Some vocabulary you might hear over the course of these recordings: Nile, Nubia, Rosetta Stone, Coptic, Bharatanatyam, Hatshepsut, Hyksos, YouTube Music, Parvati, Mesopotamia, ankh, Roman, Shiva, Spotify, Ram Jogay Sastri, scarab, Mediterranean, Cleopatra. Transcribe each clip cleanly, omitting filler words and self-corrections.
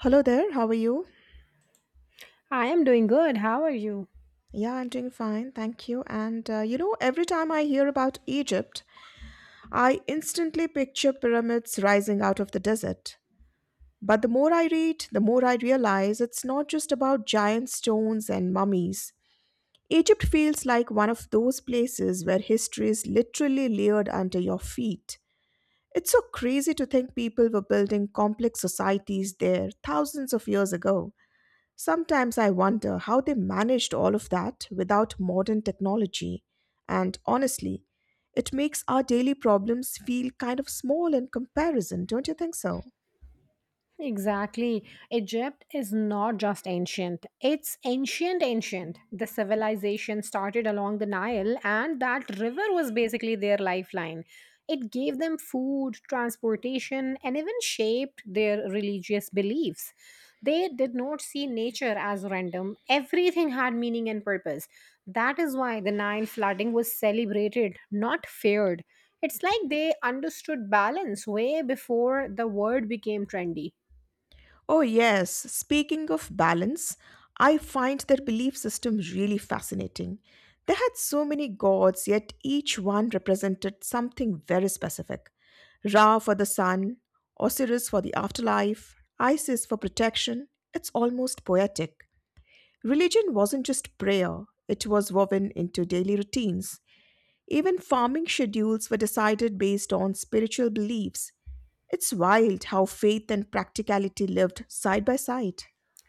Hello there, how are you? I am doing good. How are you? Yeah, I'm doing fine, thank you. And every time I hear about Egypt, I instantly picture pyramids rising out of the desert. But the more I read, the more I realize it's not just about giant stones and mummies. Egypt feels like one of those places where history is literally layered under your feet. It's so crazy to think people were building complex societies there thousands of years ago. Sometimes I wonder how they managed all of that without modern technology. And honestly, it makes our daily problems feel kind of small in comparison, don't you think so? Exactly. Egypt is not just ancient, it's ancient, ancient. The civilization started along the Nile, and that river was basically their lifeline. It gave them food, transportation, and even shaped their religious beliefs. They did not see nature as random, everything had meaning and purpose. That is why the Nile flooding was celebrated, not feared. It's like they understood balance way before the word became trendy. Oh, yes. Speaking of balance, I find their belief system really fascinating. They had so many gods, yet each one represented something very specific. Ra for the sun, Osiris for the afterlife, Isis for protection. It's almost poetic. Religion wasn't just prayer, it was woven into daily routines. Even farming schedules were decided based on spiritual beliefs. It's wild how faith and practicality lived side by side.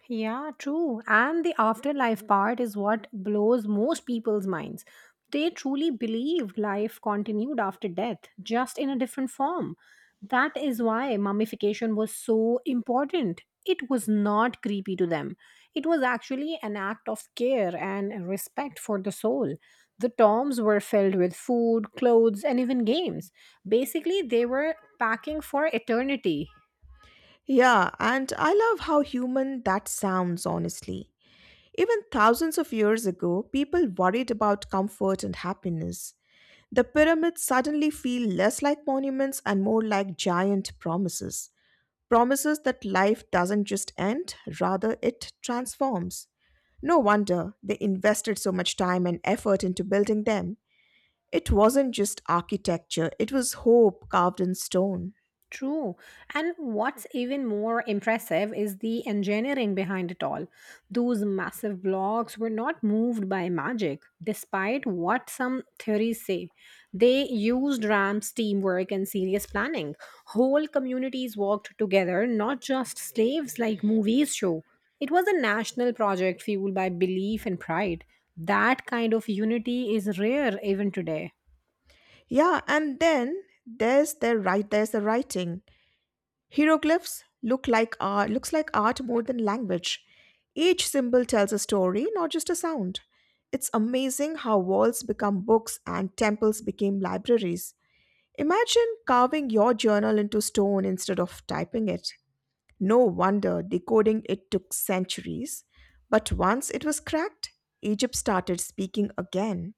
Yeah, true. And the afterlife part is what blows most people's minds. They truly believe life continued after death, just in a different form. That is why mummification was so important. It was not creepy to them. It was actually an act of care and respect for the soul. The tombs were filled with food, clothes, and even games. Basically, they were packing for eternity. Yeah, and I love how human that sounds, honestly. Even thousands of years ago, people worried about comfort and happiness. The pyramids suddenly feel less like monuments and more like giant promises, promises that life doesn't just end, rather, it transforms. No wonder they invested so much time and effort into building them. It wasn't just architecture, it was hope carved in stone. True. And what's even more impressive is the engineering behind it all. Those massive blocks were not moved by magic, despite what some theories say. They used ramps, teamwork, and serious planning. Whole communities worked together, not just slaves like movies show. It was a national project fueled by belief and pride. That kind of unity is rare even today. Yeah, and then there's the writing. Hieroglyphs looks like art more than language. Each symbol tells a story, not just a sound. It's amazing how walls become books and temples became libraries. Imagine carving your journal into stone instead of typing it. No wonder decoding it took centuries. But once it was cracked, Egypt started speaking again.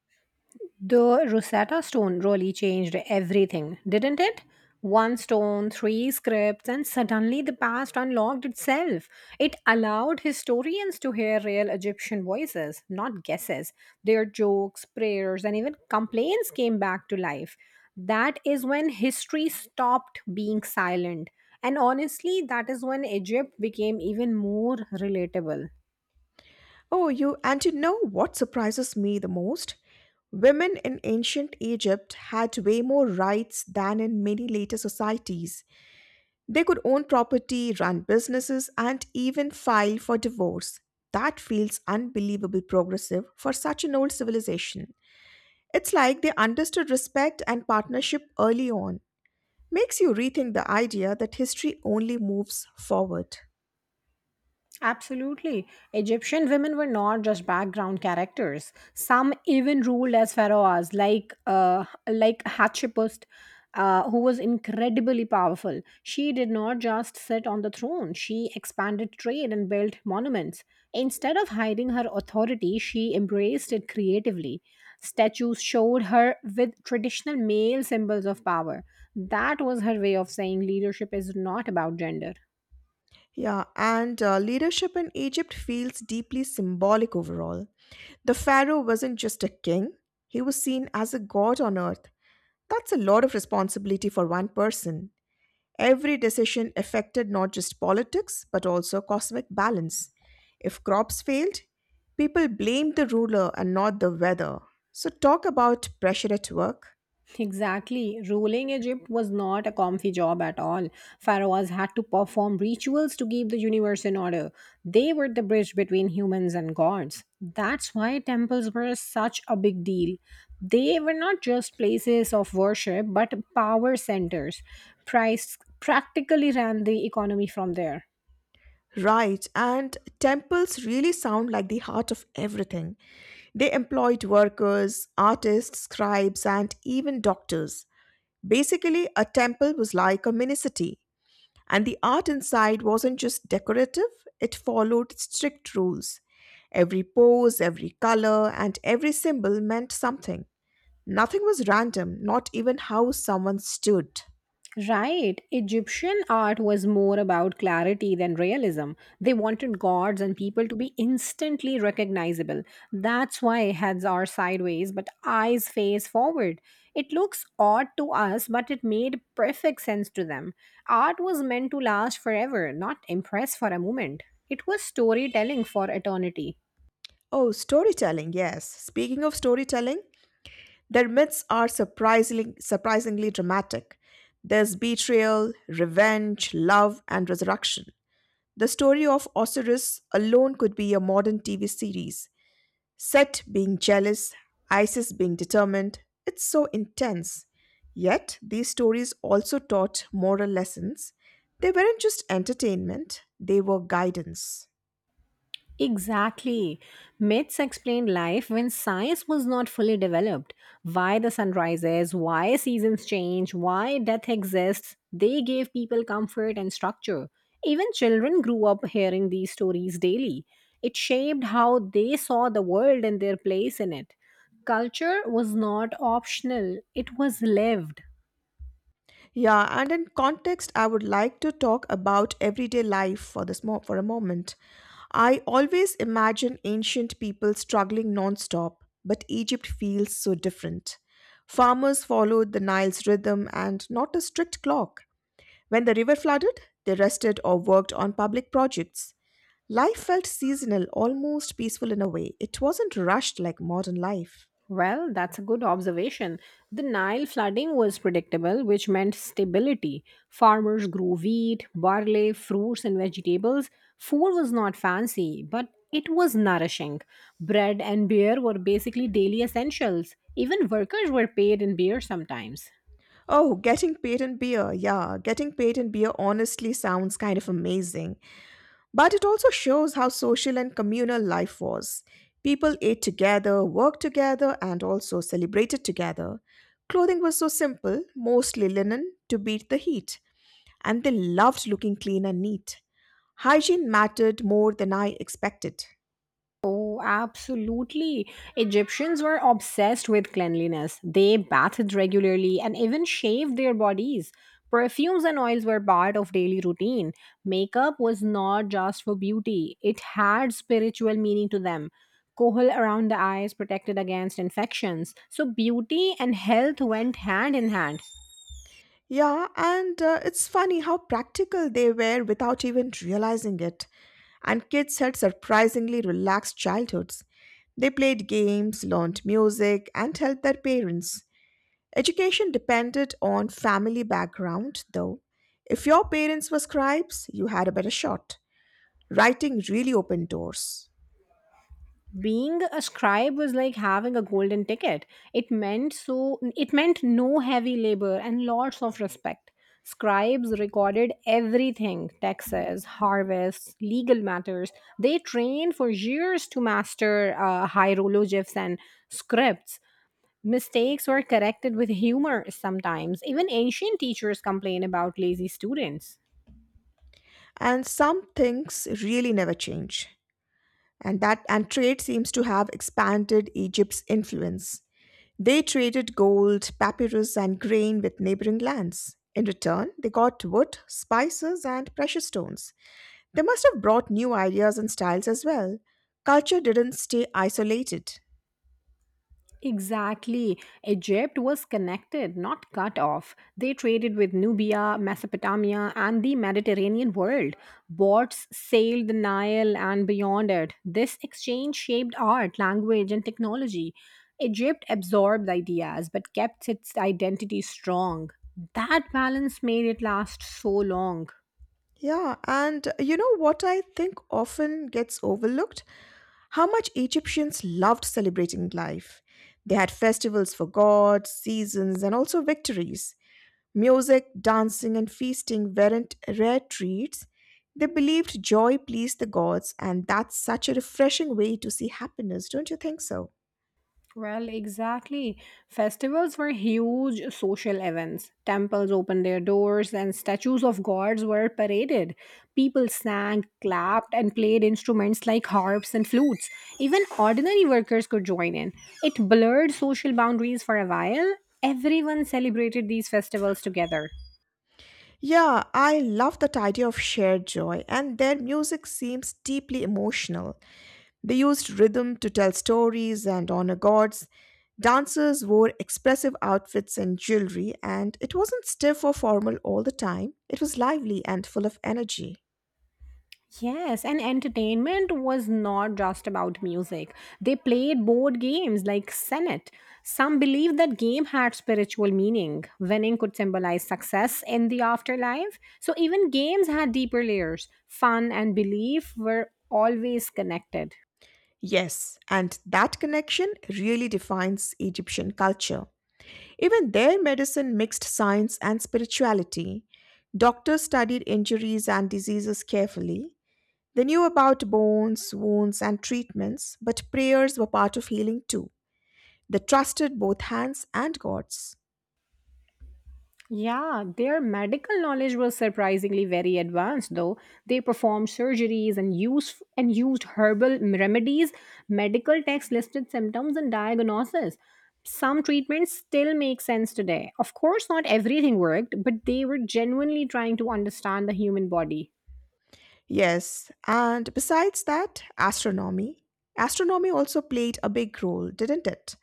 The Rosetta Stone really changed everything, didn't it? One stone, three scripts, and suddenly the past unlocked itself. It allowed historians to hear real Egyptian voices, not guesses. Their jokes, prayers, and even complaints came back to life. That is when history stopped being silent. And honestly, that is when Egypt became even more relatable. Oh, and you know what surprises me the most? Women in ancient Egypt had way more rights than in many later societies. They could own property, run businesses, and even file for divorce. That feels unbelievably progressive for such an old civilization. It's like they understood respect and partnership early on. Makes you rethink the idea that history only moves forward. Absolutely. Egyptian women were not just background characters. Some even ruled as pharaohs, like Hatshepsut, who was incredibly powerful. She did not just sit on the throne. She expanded trade and built monuments. Instead of hiding her authority, she embraced it creatively. Statues showed her with traditional male symbols of power. That was her way of saying leadership is not about gender. Yeah, and leadership in Egypt feels deeply symbolic overall. The pharaoh wasn't just a king, he was seen as a god on earth. That's a lot of responsibility for one person. Every decision affected not just politics, but also cosmic balance. If crops failed, people blamed the ruler and not the weather. So, talk about pressure at work. Exactly. Ruling Egypt was not a comfy job at all. Pharaohs had to perform rituals to keep the universe in order. They were the bridge between humans and gods. That's why temples were such a big deal. They were not just places of worship, but power centers. Price practically ran the economy from there. Right, and temples really sound like the heart of everything. They employed workers, artists, scribes, and even doctors. Basically, a temple was like a mini city. And the art inside wasn't just decorative, it followed strict rules. Every pose, every color, and every symbol meant something. Nothing was random, not even how someone stood. Right. Egyptian art was more about clarity than realism. They wanted gods and people to be instantly recognizable. That's why heads are sideways but eyes face forward. It looks odd to us, but it made perfect sense to them. Art was meant to last forever, not impress for a moment. It was storytelling for eternity. Oh, storytelling, yes. Speaking of storytelling, their myths are surprisingly dramatic. There's betrayal, revenge, love, and resurrection. The story of Osiris alone could be a modern TV series. Set being jealous, Isis being determined, it's so intense. Yet, these stories also taught moral lessons. They weren't just entertainment, they were guidance. Exactly. Myths explain life when science was not fully developed. Why the sun rises, why seasons change, why death exists. They gave people comfort and structure. Even children grew up hearing these stories daily. It shaped how they saw the world and their place in it. Culture was not optional, it was lived. Yeah, and in context, I would like to talk about everyday life for for a moment. I always imagine ancient people struggling non-stop, but Egypt feels so different. Farmers followed the Nile's rhythm and not a strict clock. When the river flooded, they rested or worked on public projects. Life felt seasonal, almost peaceful in a way. It wasn't rushed like modern life. Well, that's a good observation. The Nile flooding was predictable, which meant stability. Farmers grew wheat, barley, fruits, and vegetables. Food was not fancy, but it was nourishing. Bread and beer were basically daily essentials. Even workers were paid in beer sometimes. Oh, getting paid in beer. Yeah, getting paid in beer honestly sounds kind of amazing. But it also shows how social and communal life was. People ate together, worked together, and also celebrated together. Clothing was so simple, mostly linen, to beat the heat. And they loved looking clean and neat. Hygiene mattered more than I expected. Oh, absolutely. Egyptians were obsessed with cleanliness. They bathed regularly and even shaved their bodies. Perfumes and oils were part of daily routine. Makeup was not just for beauty, it had spiritual meaning to them. Kohl around the eyes protected against infections. So, beauty and health went hand in hand. Yeah, and it's funny how practical they were without even realizing it. And kids had surprisingly relaxed childhoods. They played games, learned music, and helped their parents. Education depended on family background, though. If your parents were scribes, you had a better shot. Writing really opened doors. Being a scribe was like having a golden ticket. It meant no heavy labor and lots of respect. Scribes recorded everything, taxes, harvests, legal matters. They trained for years to master hieroglyphs and scripts. Mistakes were corrected with humor. Sometimes even ancient teachers complain about lazy students. And some things really never change. And trade seems to have expanded Egypt's influence. They traded gold, papyrus, and grain with neighboring lands. In return, they got wood, spices, and precious stones. They must have brought new ideas and styles as well. Culture didn't stay isolated. Exactly. Egypt was connected, not cut off. They traded with Nubia, Mesopotamia, and the Mediterranean world. Boats sailed the Nile and beyond it. This exchange shaped art, language, and technology. Egypt absorbed ideas but kept its identity strong. That balance made it last so long. Yeah, and you know what I think often gets overlooked? How much Egyptians loved celebrating life. They had festivals for gods, seasons, and also victories. Music, dancing, and feasting weren't rare treats. They believed joy pleased the gods, and that's such a refreshing way to see happiness, don't you think so? Well, exactly. Festivals were huge social events. Temples opened their doors and statues of gods were paraded. People sang, clapped, and played instruments like harps and flutes. Even ordinary workers could join in. It blurred social boundaries for a while. Everyone celebrated these festivals together. Yeah, I love that idea of shared joy, and their music seems deeply emotional. They used rhythm to tell stories and honor gods. Dancers wore expressive outfits and jewelry, and it wasn't stiff or formal all the time. It was lively and full of energy. Yes, and entertainment was not just about music. They played board games like Senate. Some believed that game had spiritual meaning. Winning could symbolize success in the afterlife. So even games had deeper layers. Fun and belief were always connected. Yes, and that connection really defines Egyptian culture. Even their medicine mixed science and spirituality. Doctors studied injuries and diseases carefully. They knew about bones, wounds, and treatments, but prayers were part of healing too. They trusted both hands and gods. Yeah, their medical knowledge was surprisingly very advanced though. They performed surgeries and used herbal remedies, medical texts listed symptoms and diagnosis. Some treatments still make sense today. Of course, not everything worked, but they were genuinely trying to understand the human body. Yes, and besides that, astronomy. Astronomy also played a big role, didn't it?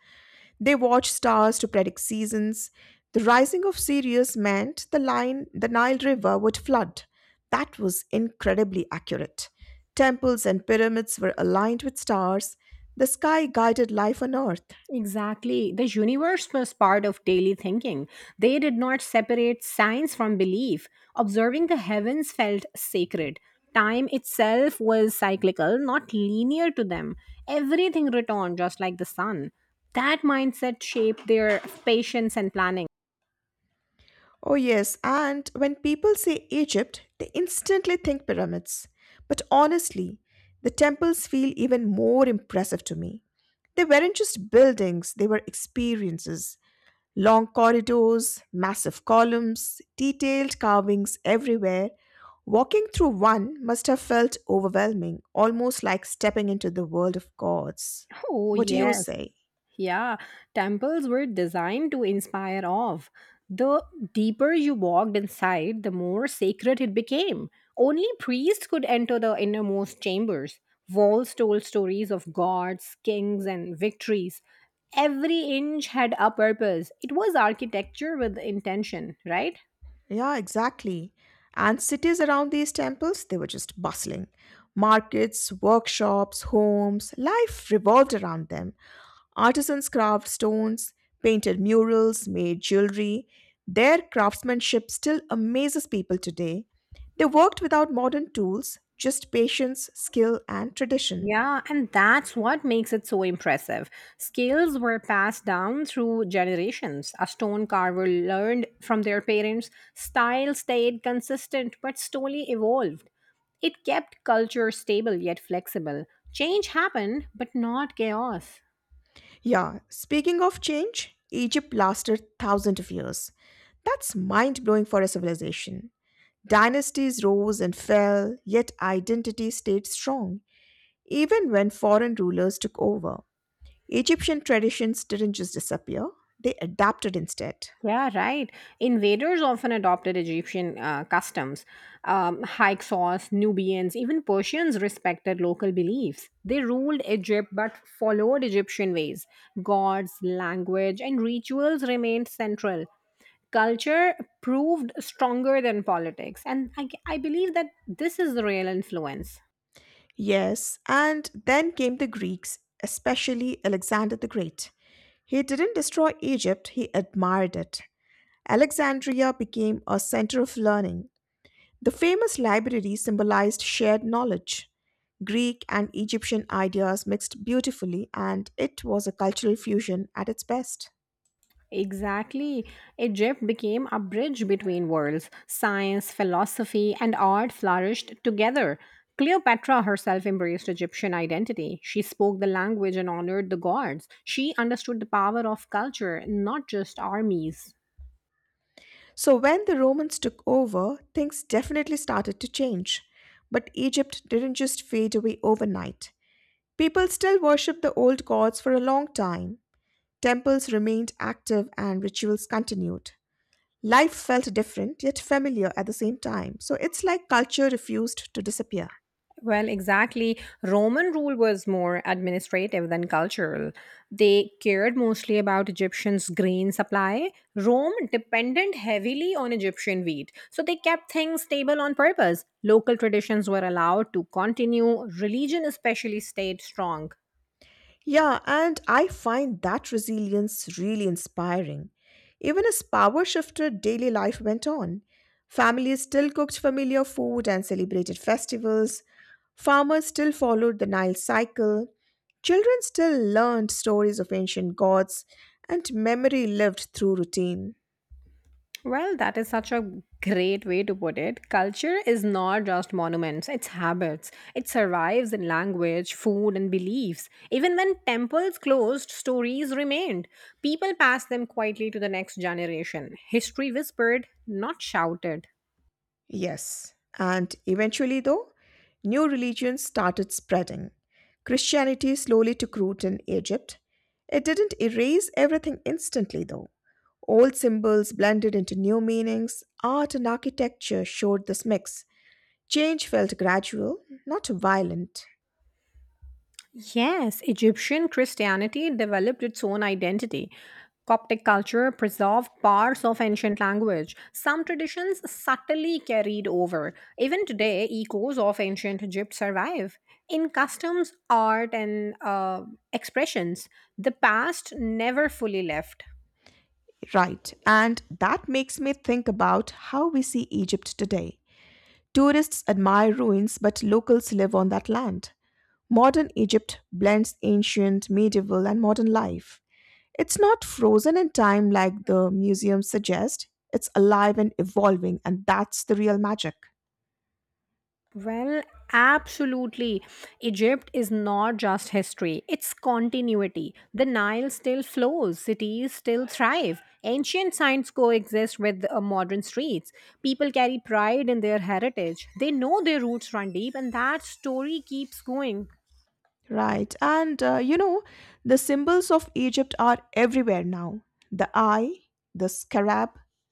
They watched stars to predict seasons. The rising of Sirius meant the Nile River would flood. That was incredibly accurate. Temples and pyramids were aligned with stars. The sky guided life on earth. Exactly. The universe was part of daily thinking. They did not separate science from belief. Observing the heavens felt sacred. Time itself was cyclical, not linear to them. Everything returned just like the sun. That mindset shaped their patience and planning. Oh, yes, and when people say Egypt, they instantly think pyramids. But honestly, the temples feel even more impressive to me. They weren't just buildings, they were experiences. Long corridors, massive columns, detailed carvings everywhere. Walking through one must have felt overwhelming, almost like stepping into the world of gods. Oh, What do you yes. say? Yeah, temples were designed to inspire awe. The deeper you walked inside, the more sacred it became. Only priests could enter the innermost chambers. Walls told stories of gods, kings, and victories. Every inch had a purpose. It was architecture with intention, right? Yeah, exactly. And cities around these temples, they were just bustling. Markets, workshops, homes, life revolved around them. Artisans carved stones, painted murals, made jewelry. Their craftsmanship still amazes people today. They worked without modern tools, just patience, skill, and tradition. Yeah, and that's what makes it so impressive. Skills were passed down through generations. A stone carver learned from their parents, style stayed consistent but slowly evolved. It kept culture stable yet flexible. Change happened, but not chaos. Yeah, speaking of change, Egypt lasted thousands of years. That's mind blowing for a civilization. Dynasties rose and fell, yet identity stayed strong, even when foreign rulers took over. Egyptian traditions didn't just disappear, they adapted instead. Yeah, right. Invaders often adopted Egyptian customs. Hyksos, Nubians, even Persians respected local beliefs. They ruled Egypt but followed Egyptian ways. Gods, language, and rituals remained central. Culture proved stronger than politics. And I believe that this is the real influence. Yes, and then came the Greeks, especially Alexander the Great. He didn't destroy Egypt, he admired it. Alexandria became a center of learning. The famous library symbolized shared knowledge. Greek and Egyptian ideas mixed beautifully, and it was a cultural fusion at its best. Exactly. Egypt became a bridge between worlds. Science, philosophy, and art flourished together. Cleopatra herself embraced Egyptian identity. She spoke the language and honored the gods. She understood the power of culture, not just armies. So, when the Romans took over, things definitely started to change. But Egypt didn't just fade away overnight. People still worshipped the old gods for a long time. Temples remained active and rituals continued. Life felt different yet familiar at the same time, so it's like culture refused to disappear. Well, exactly. Roman rule was more administrative than cultural. They cared mostly about Egyptians' grain supply. Rome depended heavily on Egyptian wheat, so they kept things stable on purpose. Local traditions were allowed to continue, religion especially stayed strong. Yeah, and I find that resilience really inspiring. Even as power shifted, daily life went on. Families still cooked familiar food and celebrated festivals. Farmers still followed the Nile cycle. Children still learned stories of ancient gods, and memory lived through routine. Well, that is such a great way to put it. Culture is not just monuments, it's habits. It survives in language, food, and beliefs. Even when temples closed, stories remained. People passed them quietly to the next generation. History whispered, not shouted. Yes, and eventually, though, new religions started spreading. Christianity slowly took root in Egypt. It didn't erase everything instantly, though. Old symbols blended into new meanings, art and architecture showed this mix. Change felt gradual, not violent. Yes, Egyptian Christianity developed its own identity. Coptic culture preserved parts of ancient language. Some traditions subtly carried over. Even today, echoes of ancient Egypt survive. In customs, art, and expressions, the past never fully left. Right, and that makes me think about how we see Egypt today. Tourists admire ruins, but locals live on that land. Modern Egypt blends ancient, medieval, and modern life. It's not frozen in time like the museums suggest, it's alive and evolving, and that's the real magic. Well, absolutely. Egypt is not just history, it's continuity. The Nile still flows, cities still thrive, ancient signs coexist with modern streets. People carry pride in their heritage, they know their roots run deep, and that story keeps going. Right. And the symbols of Egypt are everywhere now. The eye, the scarab,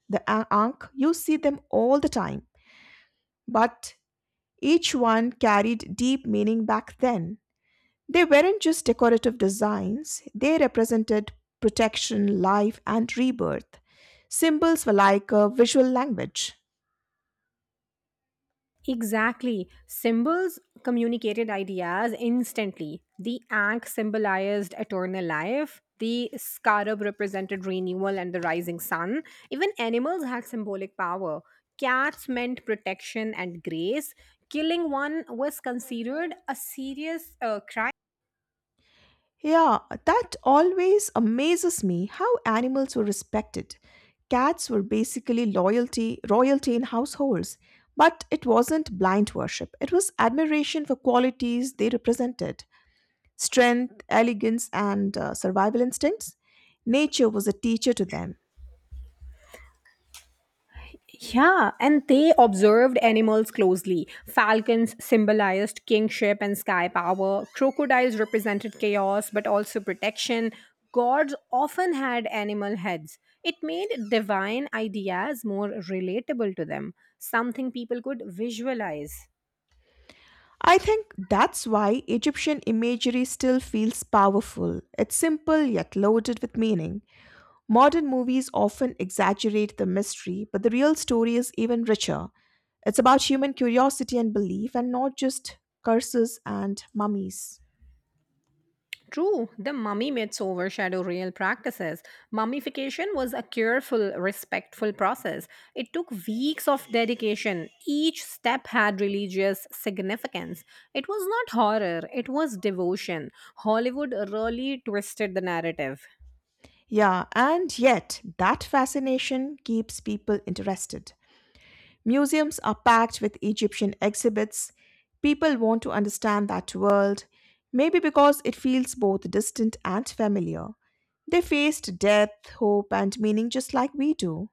the ankh, you see them all the time. But each one carried deep meaning back then. They weren't just decorative designs, they represented protection, life, and rebirth. Symbols were like a visual language. Exactly. Symbols communicated ideas instantly. The ankh symbolized eternal life, the scarab represented renewal and the rising sun. Even animals had symbolic power. Cats meant protection and grace. Killing one was considered a serious crime. Yeah, that always amazes me how animals were respected. Cats were basically loyalty, royalty in households, but it wasn't blind worship. It was admiration for qualities they represented strength, elegance, and survival instincts. Nature was a teacher to them. Yeah, and they observed animals closely. Falcons symbolized kingship and sky power. Crocodiles represented chaos but also protection. Gods often had animal heads. It made divine ideas more relatable to them, something people could visualize. I think that's why Egyptian imagery still feels powerful. It's simple yet loaded with meaning. Modern movies often exaggerate the mystery, but the real story is even richer. It's about human curiosity and belief and not just curses and mummies. True, the mummy myths overshadow real practices. Mummification was a careful, respectful process. It took weeks of dedication. Each step had religious significance. It was not horror, it was devotion. Hollywood really twisted the narrative. Yeah, and yet that fascination keeps people interested. Museums are packed with Egyptian exhibits. People want to understand that world, maybe because it feels both distant and familiar. They faced death, hope, and meaning just like we do.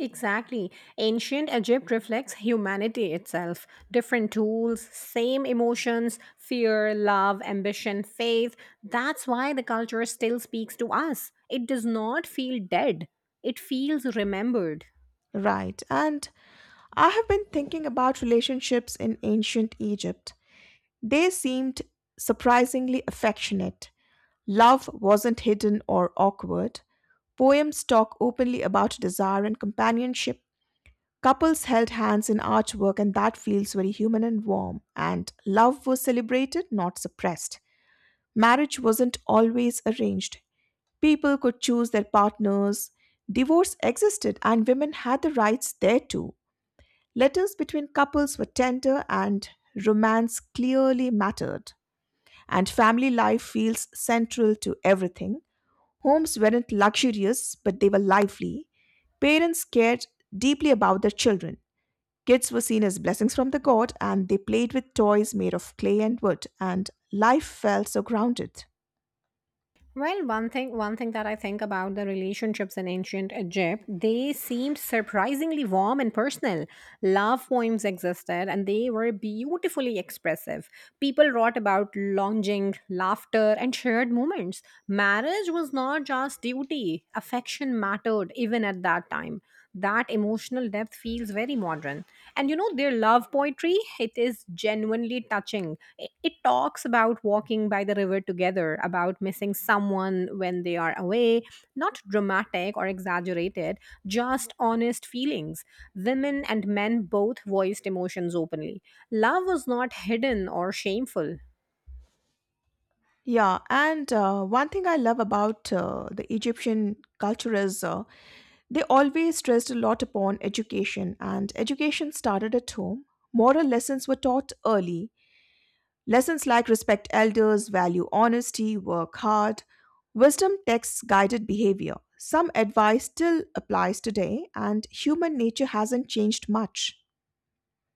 Exactly. Ancient Egypt reflects humanity itself. Different tools, same emotions, fear, love, ambition, faith. That's why the culture still speaks to us. It does not feel dead, it feels remembered. Right, and I have been thinking about relationships in ancient Egypt. They seemed surprisingly affectionate. Love wasn't hidden or awkward. Poems talk openly about desire and companionship. Couples held hands in artwork, and that feels very human and warm. And love was celebrated, not suppressed. Marriage wasn't always arranged. People could choose their partners. Divorce existed, and women had the rights there too. Letters between couples were tender, and romance clearly mattered. And family life feels central to everything. Homes weren't luxurious, but they were lively. Parents cared deeply about their children. Kids were seen as blessings from the god, and they played with toys made of clay and wood, and life felt so grounded. Well, one thing that I think about the relationships in ancient Egypt, they seemed surprisingly warm and personal. Love poems existed and they were beautifully expressive. People wrote about longing, laughter, and shared moments. Marriage was not just duty, affection mattered even at that time. That emotional depth feels very modern. And you know, their love poetry, it is genuinely touching. It talks about walking by the river together, about missing someone when they are away, not dramatic or exaggerated, just honest feelings. Women and men both voiced emotions openly. Love was not hidden or shameful. Yeah, and one thing I love about the Egyptian culture is they always stressed a lot upon education, and education started at home. Moral lessons were taught early. Lessons like respect elders, value honesty, work hard. Wisdom texts guided behavior. Some advice still applies today, and human nature hasn't changed much.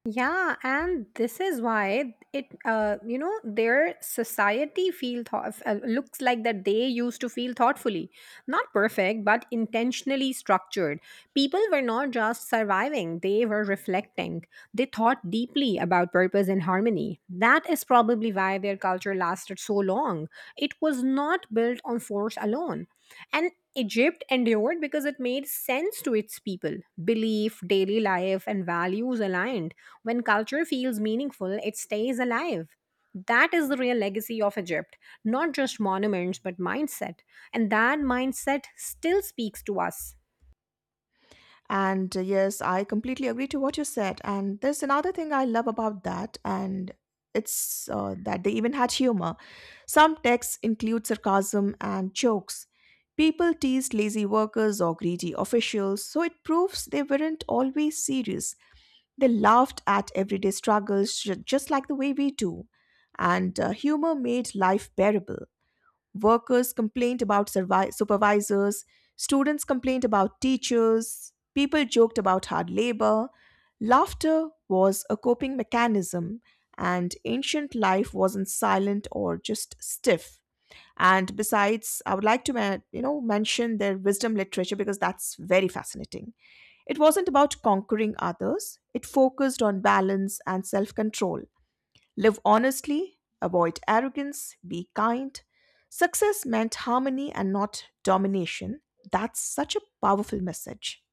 Yeah, and this is why it, their society feel thought looks like that they used to feel thoughtfully, not perfect, but intentionally structured. People were not just surviving; they were reflecting. They thought deeply about purpose and harmony. That is probably why their culture lasted so long. It was not built on force alone. And Egypt endured because it made sense to its people. Belief, daily life, and values aligned. When culture feels meaningful, it stays alive. That is the real legacy of Egypt, not just monuments, but mindset. And that mindset still speaks to us. And yes, I completely agree to what you said. And there's another thing I love about that, and it's that they even had humor. Some texts include sarcasm and jokes. People teased lazy workers or greedy officials, so it proves they weren't always serious. They laughed at everyday struggles just like the way we do. And humor made life bearable. Workers complained about supervisors, students complained about teachers, people joked about hard labor. Laughter was a coping mechanism, and ancient life wasn't silent or just stiff. And besides, I would like to mention their wisdom literature because that's very fascinating. It wasn't about conquering others, it focused on balance and self control. Live honestly, avoid arrogance, be kind. Success meant harmony and not domination. That's such a powerful message.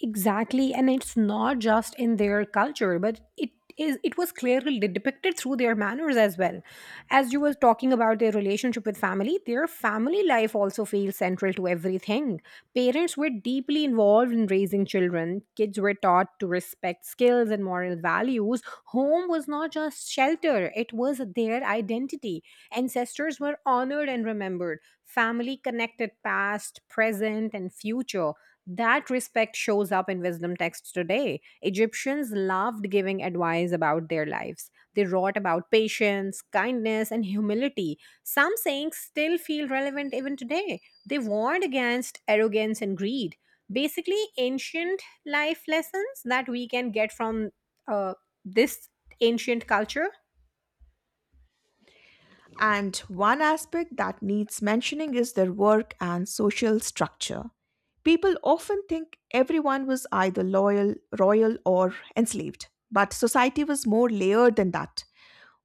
Exactly, and it's not just in their culture, but it was clearly depicted through their manners as well. As you were talking about their relationship with family, their family life also feels central to everything. Parents were deeply involved in raising children. Kids were taught to respect skills and moral values. Home was not just shelter, it was their identity. Ancestors were honored and remembered. Family connected past, present, and future. That respect shows up in wisdom texts today. Egyptians loved giving advice about their lives. They wrote about patience, kindness, and humility. Some sayings still feel relevant even today. They warned against arrogance and greed. Basically, ancient life lessons that we can get from uh, this ancient culture. And one aspect that needs mentioning is their work and social structure. People often think everyone was either loyal, royal, or enslaved, but society was more layered than that.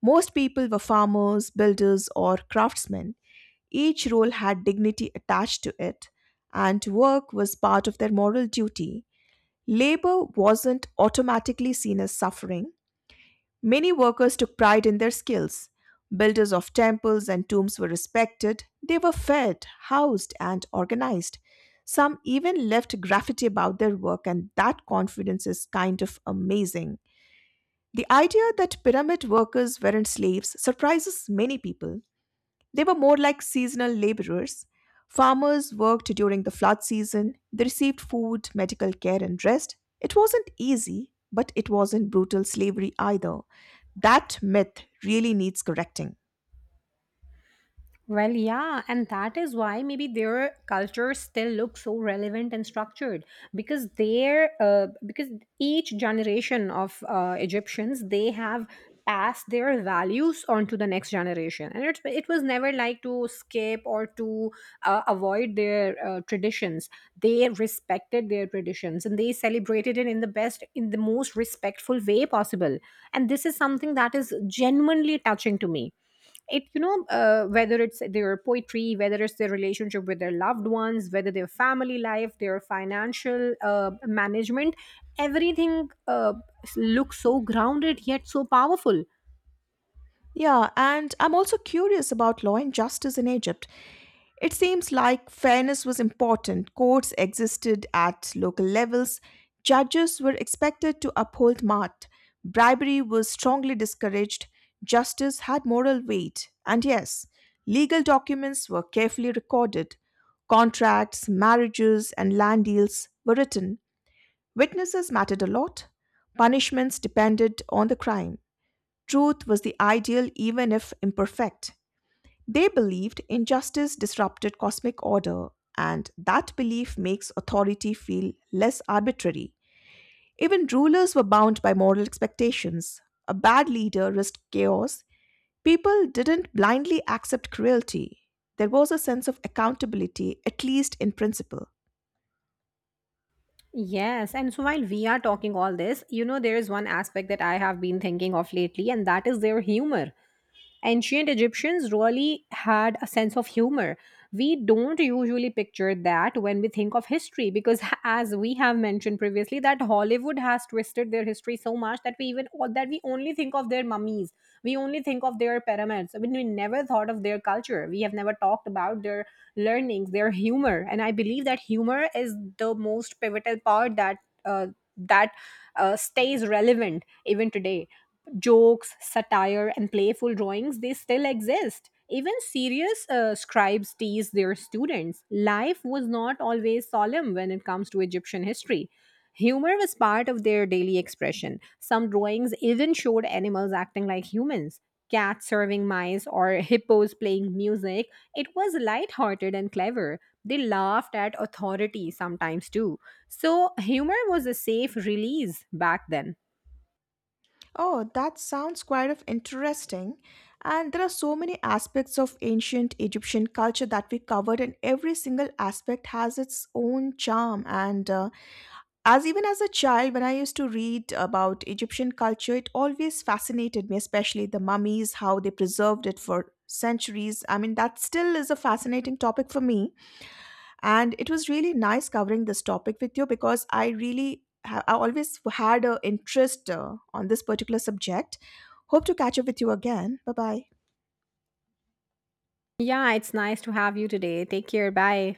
Most people were farmers, builders, or craftsmen. Each role had dignity attached to it, and work was part of their moral duty. Labor wasn't automatically seen as suffering. Many workers took pride in their skills. Builders of temples and tombs were respected. They were fed, housed, and organized. Some even left graffiti about their work, and that confidence is kind of amazing. The idea that pyramid workers weren't slaves surprises many people. They were more like seasonal laborers. Farmers worked during the flood season, they received food, medical care, and rest. It wasn't easy, but it wasn't brutal slavery either. That myth really needs correcting. Well, yeah, and that is why maybe their cultures still look so relevant and structured because each generation of Egyptians they have passed their values on to the next generation, and it was never like to skip or to avoid their traditions. They respected their traditions and they celebrated it in the most respectful way possible. And this is something that is genuinely touching to me it you know Whether it's their poetry, whether it's their relationship with their loved ones, whether their family life, their financial management, everything looks so grounded yet so powerful. Yeah, and I'm also curious about law and justice in Egypt. It seems like fairness was important. Courts existed at local levels. Judges were expected to uphold Maat. Bribery was strongly discouraged. Justice had moral weight. And yes, legal documents were carefully recorded. Contracts, marriages, and land deals were written. Witnesses mattered a lot. Punishments depended on the crime. Truth was the ideal, even if imperfect. They believed injustice disrupted cosmic order, and that belief makes authority feel less arbitrary. Even rulers were bound by moral expectations. A bad leader risked chaos. People didn't blindly accept cruelty. There was a sense of accountability, at least in principle. Yes, and so while we are talking all this, you know, there is one aspect that I have been thinking of lately, and that is their humor. Ancient Egyptians really had a sense of humor. We don't usually picture that when we think of history because, as we have mentioned previously, that Hollywood has twisted their history so much that we even that we only think of their mummies, we only think of their pyramids. I mean, we never thought of their culture. We have never talked about their learnings, their humor, and I believe that humor is the most pivotal part uh, that stays relevant even today. Jokes, satire, and playful drawings, they still exist. Even serious scribes tease their students. Life was not always solemn when it comes to Egyptian history. Humor was part of their daily expression. Some drawings even showed animals acting like humans, cats serving mice or hippos playing music. It was lighthearted and clever. They laughed at authority sometimes too. So, humor was a safe release back then. Oh, that sounds quite of interesting. And there are so many aspects of ancient Egyptian culture that we covered, and every single aspect has its own charm and As even as a child, when I used to read about Egyptian culture, it always fascinated me, especially the mummies, how they preserved it for centuries. I mean, that still is a fascinating topic for me. And it was really nice covering this topic with you because I really, I always had an interest on this particular subject. Hope to catch up with you again. Bye bye. Yeah, it's nice to have you today. Take care. Bye.